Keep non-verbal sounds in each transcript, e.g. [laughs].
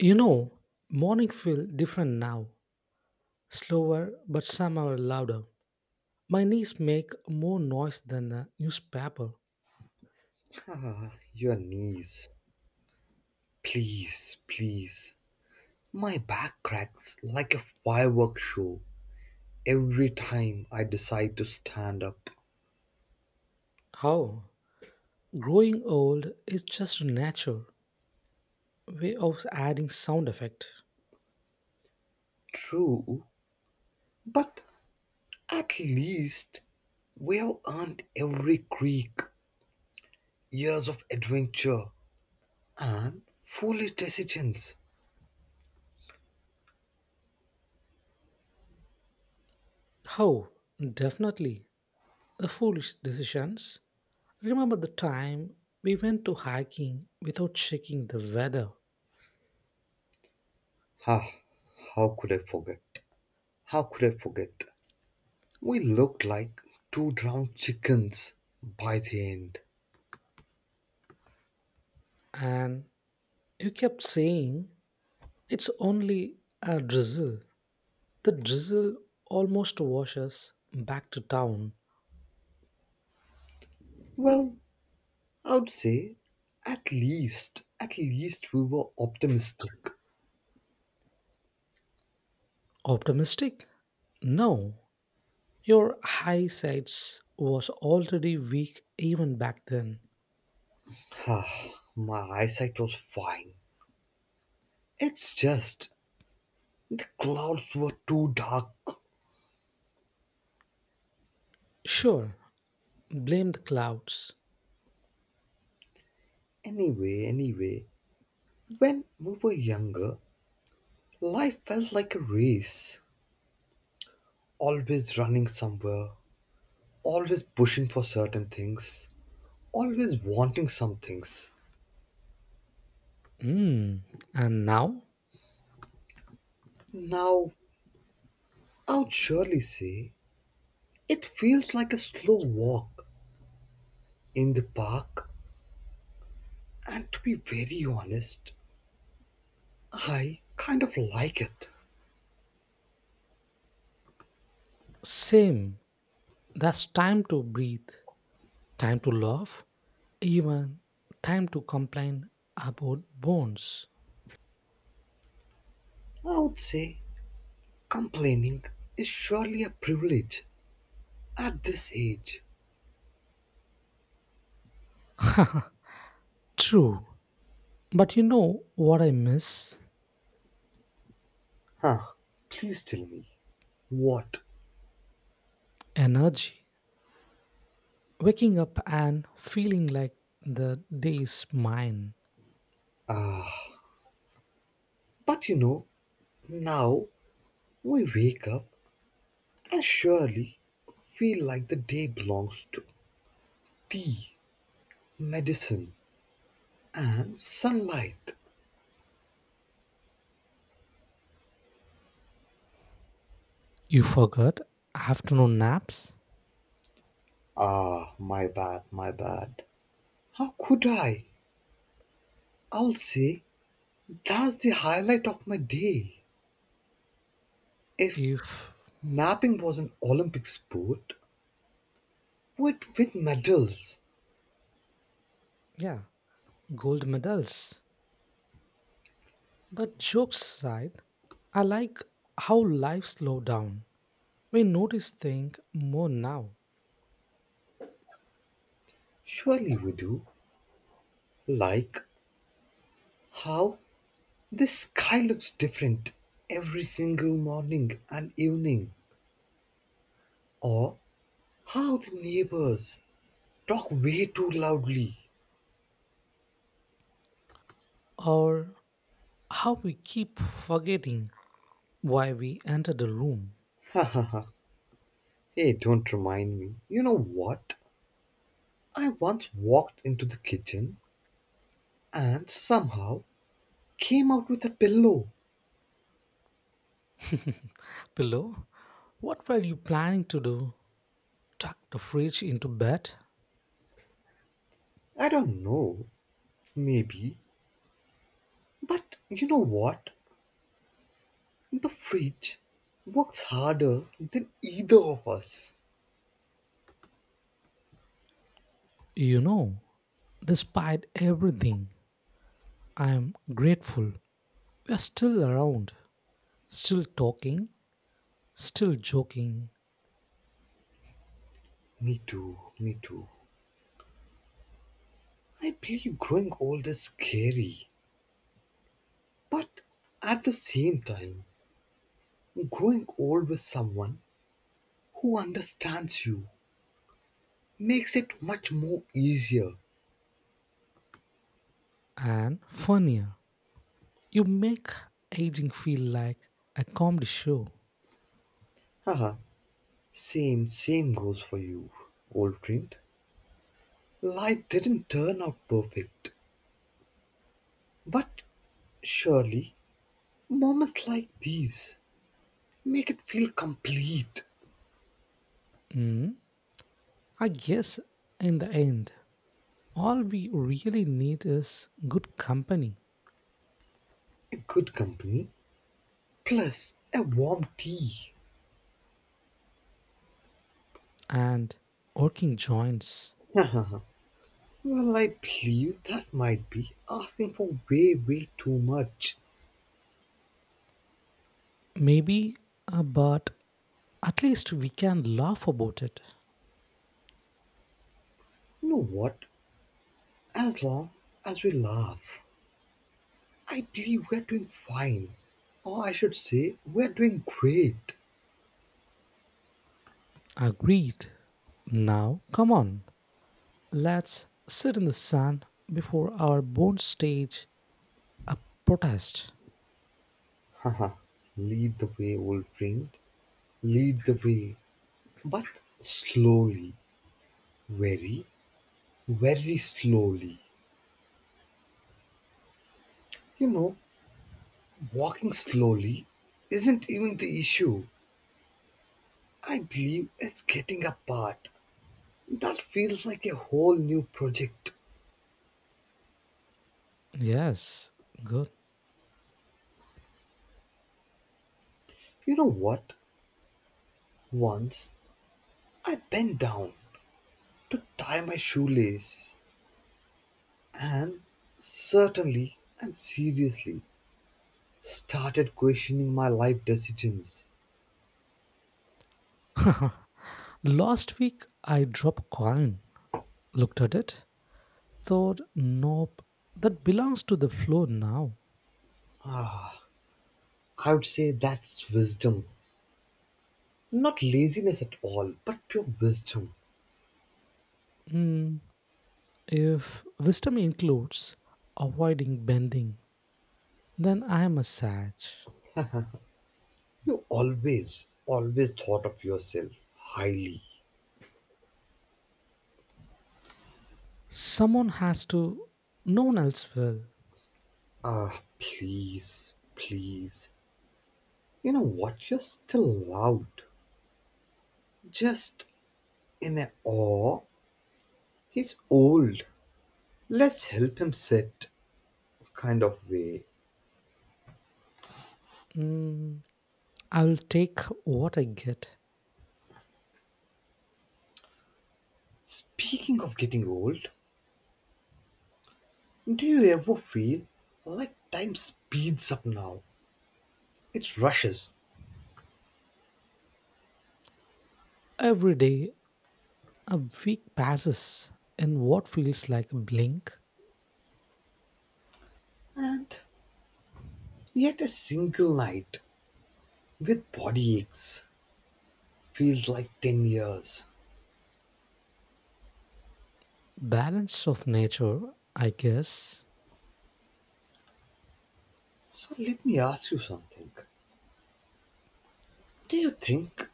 You know, morning feel different now, slower but somehow louder. My knees make more noise than the newspaper. Ah, your knees. Please, please. My back cracks like a fireworks show every time I decide to stand up. How? Growing old is just a natural way of adding sound effect. True, but at least we have earned every creak, years of adventure, and foolish decisions. How? Definitely. The foolish decisions. Remember the time we went to hiking without checking the weather Ah, how could I forget? How could I forget? We looked like two drowned chickens by the end. and you kept saying it's only a drizzle. The drizzle almost washes back to town. Well, I would say at least we were optimistic. Optimistic? No, your eyesight was already weak even back then. Ah, my eyesight was fine. It's just the clouds were too dark. Sure, blame the clouds. Anyway, when we were younger, life felt like a race. Always running somewhere, always pushing for certain things, always wanting some things. Hmm, and now? Now, I would surely say it feels like a slow walk in the park. And to be very honest, I kind of like it. Same. That's time to breathe, time to laugh, even time to complain about bones. I would say complaining is surely a privilege at this age. True, but you know what I miss? Huh, please tell me. What? Energy. Waking up and feeling like the day is mine. But you know, now we wake up and surely feel like the day belongs to tea, medicine, and sunlight. You forgot afternoon naps. Ah, my bad, my bad. How could I? I'll say that's the highlight of my day. If If, napping was an Olympic sport, we'd win medals. yeah, gold medals. But jokes aside, I like how life slowed down. We notice things more now, Surely we do. Like how the sky looks different every single morning and evening. Or how the neighbors talk way too loudly. [laughs] or how we keep forgetting why we entered the room. Ha ha ha. Hey, don't remind me. You know what? I once walked into the kitchen and somehow came out with a pillow. [laughs] Pillow, what were you planning to do? Tuck the fridge into bed? I don't know. Maybe. But you know what? The fridge works harder than either of us. You know, despite everything. I am grateful we are still around, still talking, still joking, Me too, me too. I believe growing old is scary, but at the same time, growing old with someone who understands you makes it much more easier. and funnier. You make aging feel like a comedy show. Haha, same, same goes for you, old friend. Life didn't turn out perfect, but surely moments like these make it feel complete. Hmm. I guess in the end, all we really need is good company A good company. Plus, a warm tea. and working joints. Well, I believe that might be asking for way, way too much. Maybe, but at least we can laugh about it. You know what? As long as we laugh, I believe we're doing fine. Or I should say, we're doing great. Agreed. Now, come on. Let's sit in the sun before our bones stage a protest. [laughs] Haha, lead the way, old friend. Lead the way. But slowly. Very, very slowly. You know, walking slowly isn't even the issue. I believe it's getting apart. That feels like a whole new project. Yes, good. You know what? Once I bent down to tie my shoelace and certainly and seriously started questioning my life decisions. [laughs] Last week I dropped coin, looked at it, thought, nope, that belongs to the floor now. I would say that's wisdom. Not laziness at all, but pure wisdom. Hmm, if wisdom includes avoiding bending, then I am a sage. You always, always thought of yourself highly. Someone has to, no one else will. Ah, please, please. You know what? You're still loud. Just in a "aw, he's old, let's help him sit" kind of way. Hmm, I will take what I get. Speaking of getting old, do you ever feel like time speeds up now? It rushes, Every day a week passes in what feels like a blink. and yet a single night with body aches feels like 10 years. Balance of nature, I guess. So let me ask you something. Do you think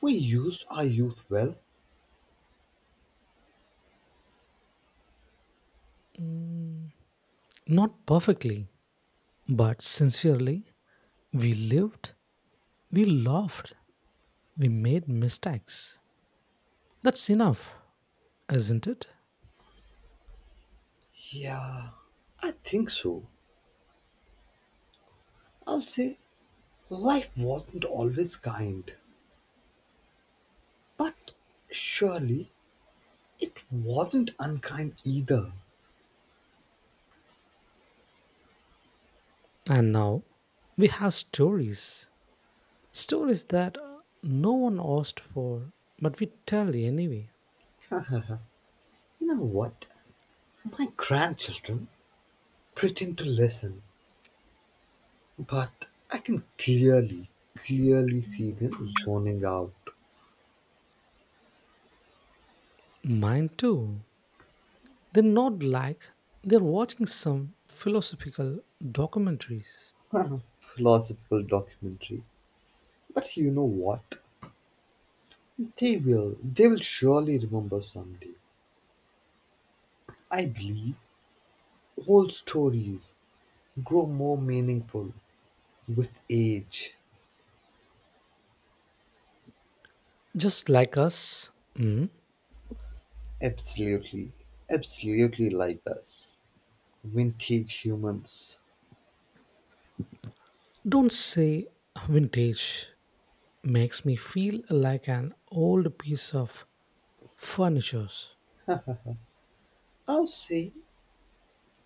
we used our youth well? Mm, not perfectly, but sincerely, we lived, we laughed, we made mistakes. That's enough, isn't it? Yeah, I think so. I'll say life wasn't always kind. But surely it wasn't unkind either. And now we have stories. Stories that no one asked for, but we tell anyway. You know what? My grandchildren pretend to listen, but I can clearly, clearly see them zoning out. Mine too. They're not like they're watching some philosophical documentaries. Philosophical documentary. But you know what? They will surely remember someday. I believe old stories grow more meaningful with age. Just like us, mm, Absolutely, absolutely like us. Vintage humans. don't say vintage makes me feel like an old piece of furniture. I'll say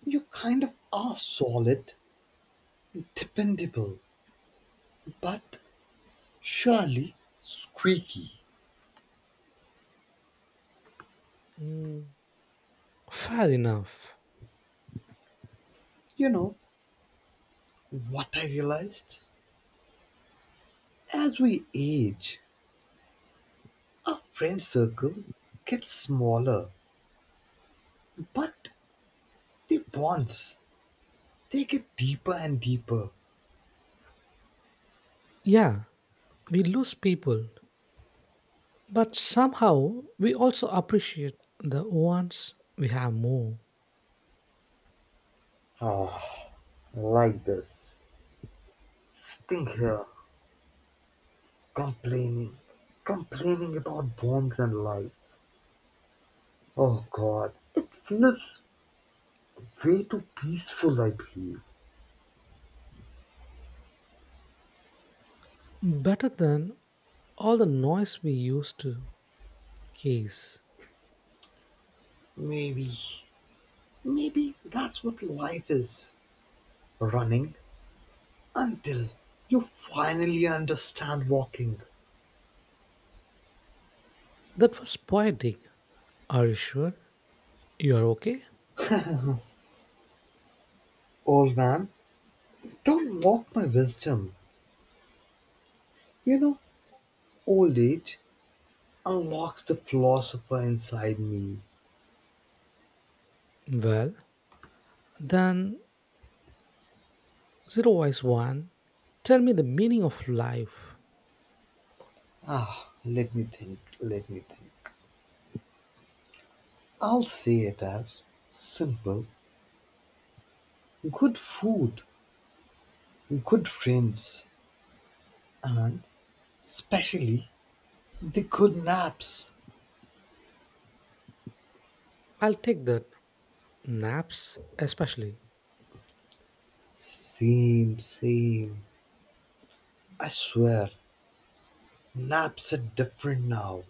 you kind of are solid, dependable, but surely squeaky. Mm, fair enough. You know what I realized? As we age, our friend circle gets smaller, but the bonds, they get deeper and deeper. Yeah, we lose people, but somehow we also appreciate the ones we have more Ah, like this. Sitting here, complaining, complaining about bonds and life. Oh God, it feels way too peaceful, I believe. better than all the noise we used to case. Maybe, maybe that's what life is, running until you finally understand walking. That was poetic. Are you sure? You're okay? Old man, don't mock my wisdom. You know, old age unlocks the philosopher inside me. Well, then, zero wise one, tell me the meaning of life. Ah, let me think, let me think. I'll say it as simple: good food, good friends, and especially the good naps. I'll take that, naps especially, Same, same. I swear, naps are different now.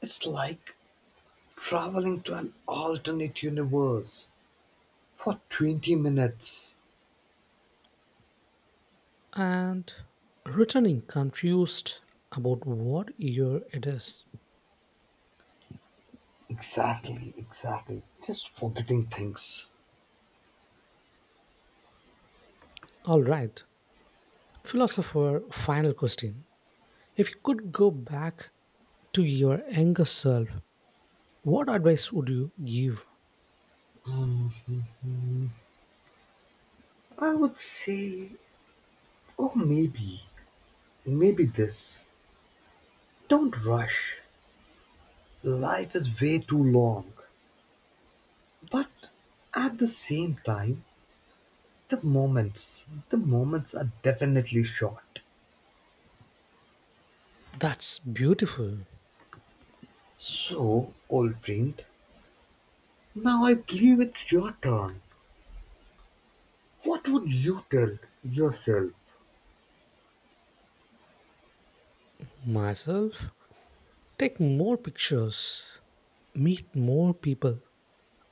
It's like traveling to an alternate universe for 20 minutes. and returning confused about what year it is. Exactly, exactly. Just forgetting things. All right, philosopher, final question. If you could go back to your younger self, what advice would you give? Hmm, I would say, oh, maybe, maybe this. Don't rush. Life is way too long. But at the same time, the moments are definitely short. That's beautiful. So, old friend, now I believe it's your turn. What would you tell yourself? Myself, take more pictures, meet more people,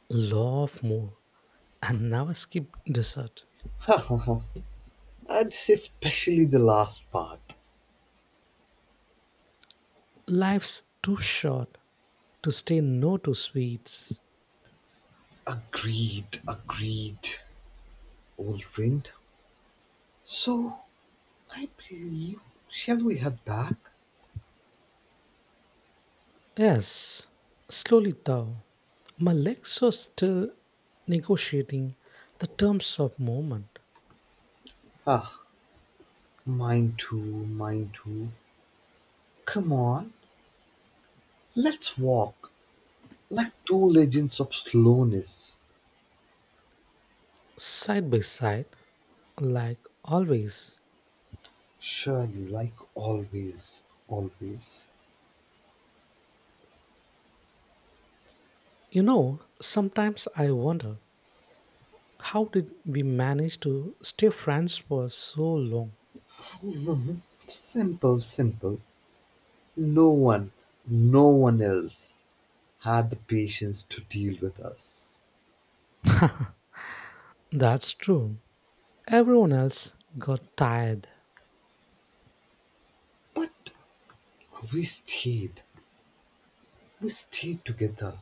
love more and never skip dessert. [laughs] I'd say, especially the last part. Life's too short to say no to sweets. Agreed, agreed, old friend. So, I believe, shall we head back? Yes, slowly thou. My legs are still negotiating the terms of movement, Ah, mine too, mine too. Come on, let's walk like two legends of slowness. side by side, like always. Surely, like always, always. You know, sometimes I wonder how did we manage to stay friends for so long? Simple, simple. No one, no one else had the patience to deal with us. That's true. Everyone else got tired, But we stayed. We stayed together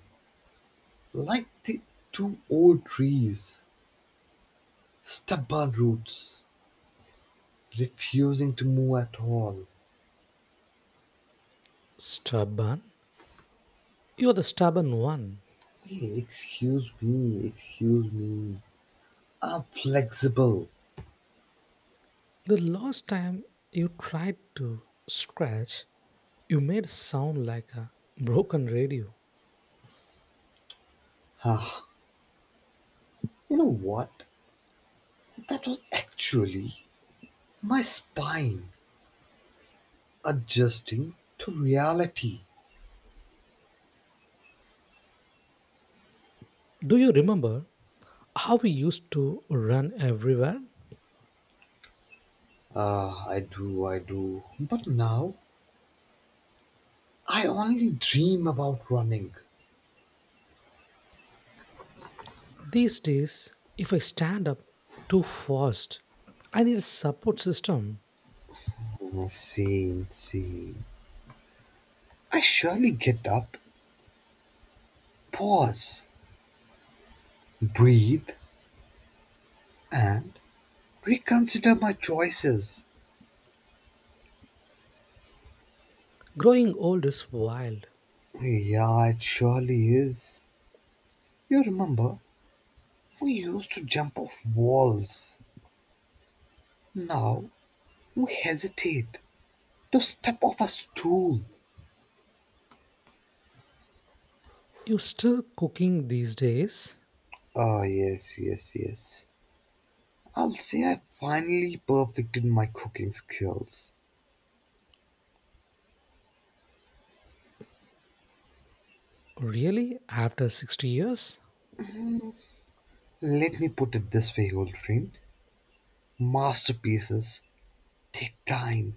like the two old trees, stubborn roots, refusing to move at all. stubborn, you're the stubborn one. Hey, excuse me, excuse me. I'm flexible. The last time you tried to scratch, you made sound like a broken radio. Ah, you know what? That was actually my spine adjusting to reality. Do you remember how we used to run everywhere? Ah, I do, I do. But now I only dream about running. These days, if I stand up too fast, I need a support system. Insane, insane. I surely get up, pause, breathe, and reconsider my choices. Growing old is wild. Yeah, it surely is. You remember, we used to jump off walls. Now we hesitate to step off a stool. You still cooking these days? Oh, yes, yes, yes. I'll say I finally perfected my cooking skills. Really? After 60 years? Let me put it this way, old friend. Masterpieces take time.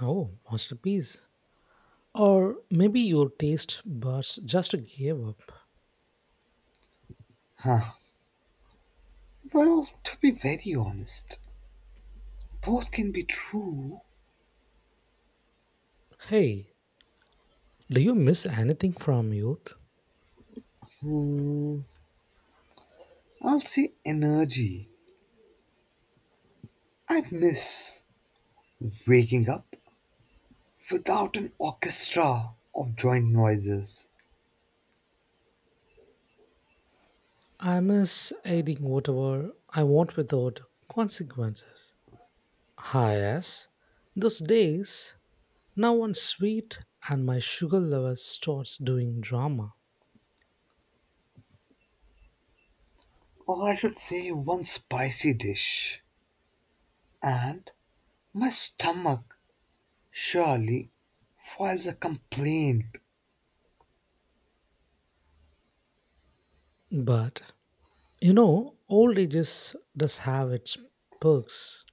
Oh, masterpiece. Or maybe your taste buds just gave up. Huh. Well, to be very honest, both can be true. Hey, do you miss anything from youth? Hmm. I'll say energy. I miss waking up without an orchestra of joint noises, I miss aiding whatever I want without consequences. Ah, yes, those days, now I'm sweet and my sugar level starts doing drama. or I should say one spicy dish. And my stomach surely files a complaint. But, you know, old ages does have its perks.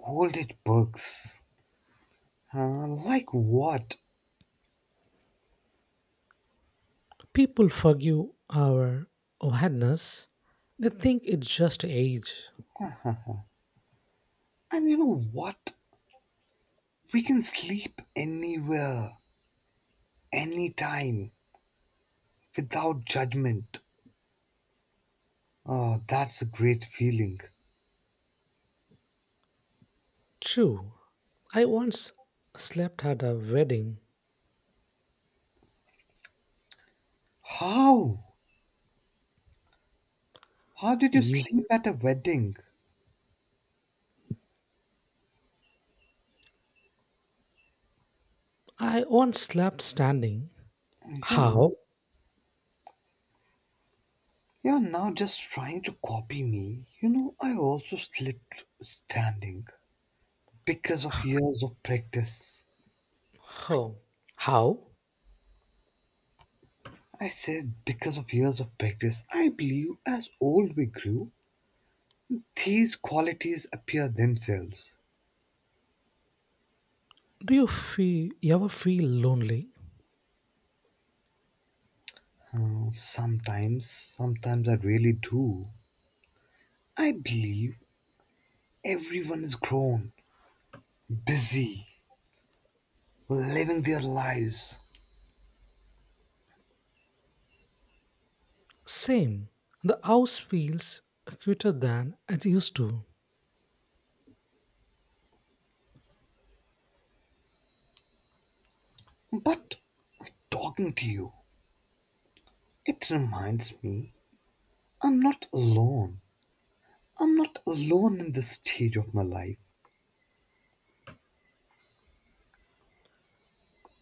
Old it bugs. Huh, like what? People forgive our madness. They think it's just age. And you know what? We can sleep anywhere, anytime, without judgment. Oh, that's a great feeling. True. I once slept at a wedding. How? How did you sleep at a wedding? I once slept standing. You're How? not. You're now just trying to copy me. You know, I also slept standing because of years of practice. How? How? I said because of years of practice. I believe as old we grew, these qualities appear themselves. Do you feel you ever feel lonely? Sometimes, sometimes I really do. I believe everyone is grown, busy, living their lives. Same. The house feels cuter than it used to. But talking to you, it reminds me I'm not alone. I'm not alone in this stage of my life.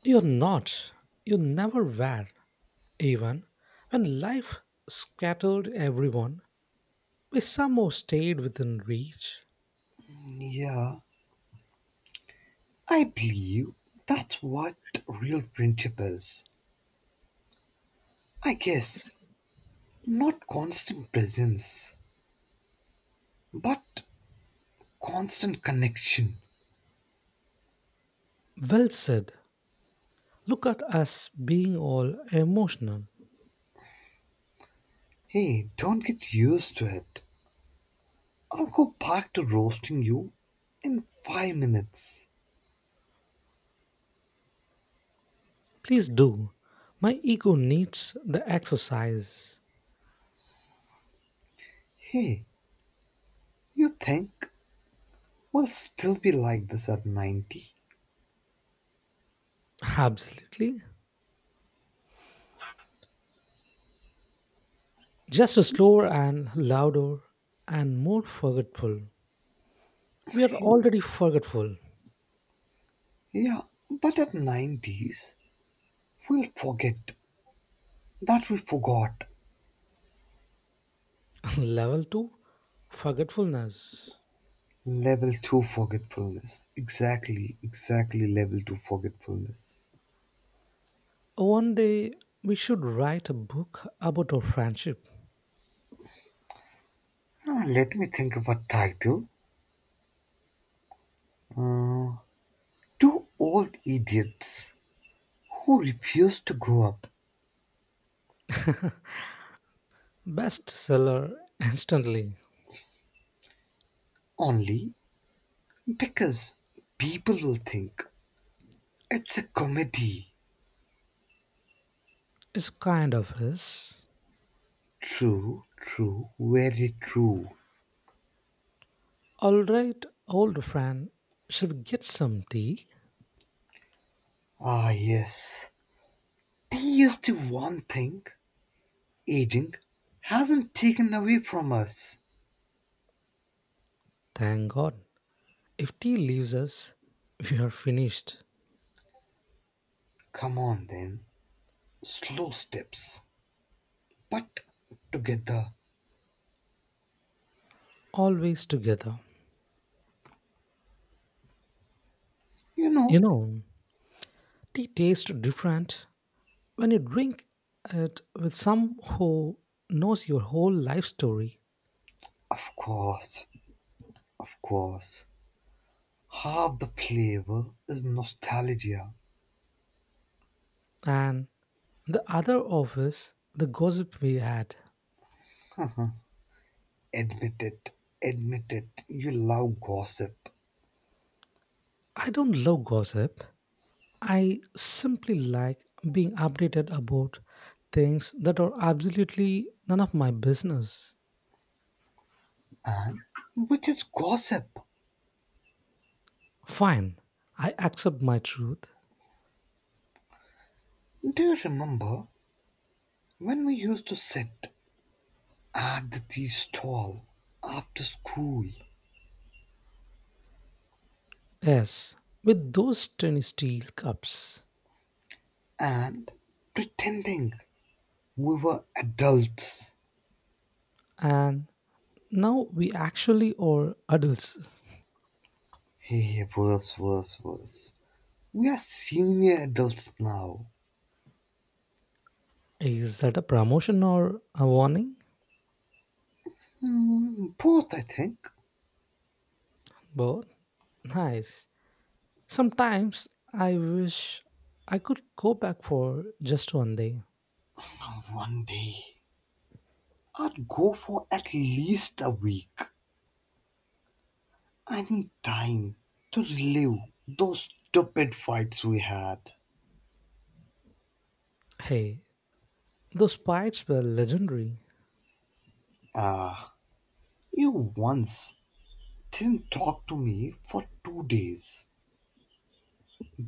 You're not. You never were. Even when life scattered everyone, we somehow stayed within reach. Yeah, I believe that's what real friendship is. I guess not constant presence, but constant connection. Well said. Look at us being all emotional. Hey, don't get used to it. I'll go back to roasting you in 5 minutes. Please do. My ego needs the exercise. Hey, you think we'll still be like this at 90? Absolutely. Just slower and louder and more forgetful. We are already forgetful. Yeah, but at 90s, we'll forget that we forgot. [laughs] Level 2 forgetfulness. Level 2 forgetfulness. Exactly, exactly level 2 forgetfulness. One day we should write a book about our friendship. Ah, let me think of a title. Two old idiots who refuse to grow up, Bestseller instantly. only because people will think it's a comedy. It's kind of us. True, true, very true. Alright, old friend, shall we get some tea? Ah, yes. And here's the one thing aging hasn't taken away from us. Thank God. If tea leaves us, we are finished. Come on, then. Slow steps, but together. Always together. You You know, know, tea tastes different when you drink it with some who knows your whole life story of course, of course. Half the flavor is nostalgia. and the other office, the gossip we had. Admit it, admit it. You love gossip. I don't love gossip. I simply like being updated about things that are absolutely none of my business. And which is gossip? Fine, I accept my truth. Do you remember when we used to sit at the tea stall after school Yes, with those tiny steel cups. and pretending we were adults? And now we actually are adults. Hey, hey, worse, worse, worse. We are senior adults now. Is that a promotion or a warning? Hmm, both, I think. Both? Nice. Sometimes I wish I could go back for just one day. One day, I'd go for at least a week. I need time to relive those stupid fights we had. Hey, those fights were legendary. Ah, you once didn't talk to me for 2 days.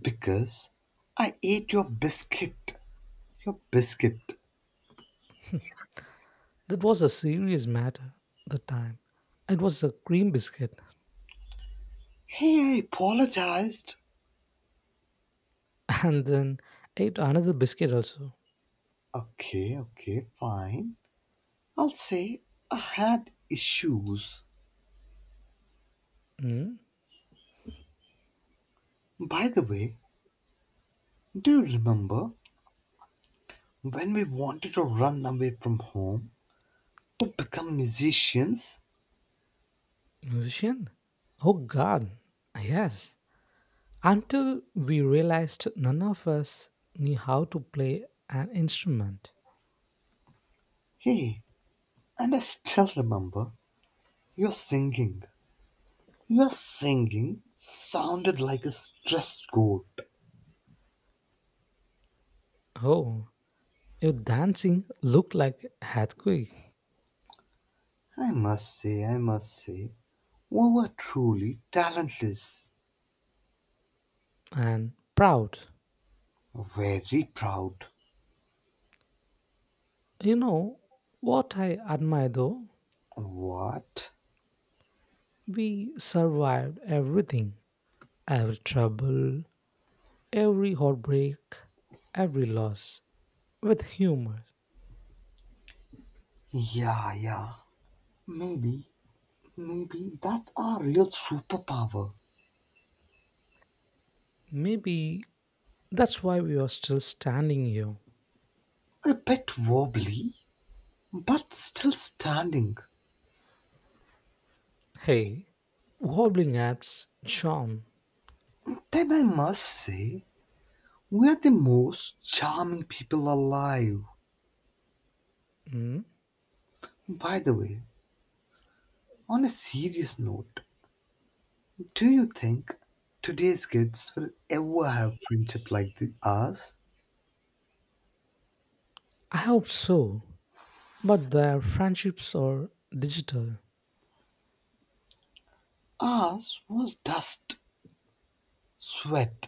Because I ate your biscuit. Your biscuit. That was a serious matter at the time. It was a cream biscuit. Hey, I apologized. [laughs] And then ate another biscuit also. Okay, okay, fine. I'll say I had issues. Hmm? By the way, do you remember when we wanted to run away from home to become musicians? Musician? Oh god. Yes. Until we realized none of us knew how to play an instrument. Hey, and I still remember your singing. Your singing sounded like a stressed goat. Oh, your dancing looked like earthquake. I must say, we were truly talentless, And proud. very proud. You know what I admire though? What? We survived everything, every trouble, every heartbreak, every loss with humor. Yeah, yeah. Maybe, maybe that's our real superpower. Maybe that's why we are still standing here. A bit wobbly, but still standing. Hey, wobbling apps, charm. Then I must say, we're the most charming people alive. Hmm? By the way, on a serious note, do you think today's kids will ever have friendship like the ours? I hope so, but their friendships are digital Ours was dust, sweat,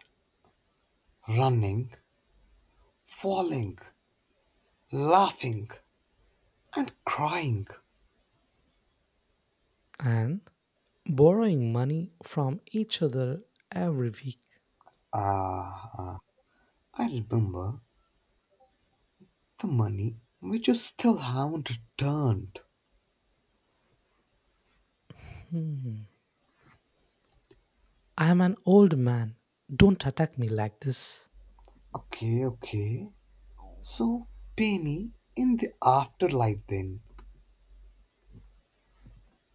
running, falling, laughing, and crying. and borrowing money from each other every week. Ah, I remember the money which you still haven't returned. Hmm. I am an old man. Don't attack me like this. Okay, okay. So pay me in the afterlife then.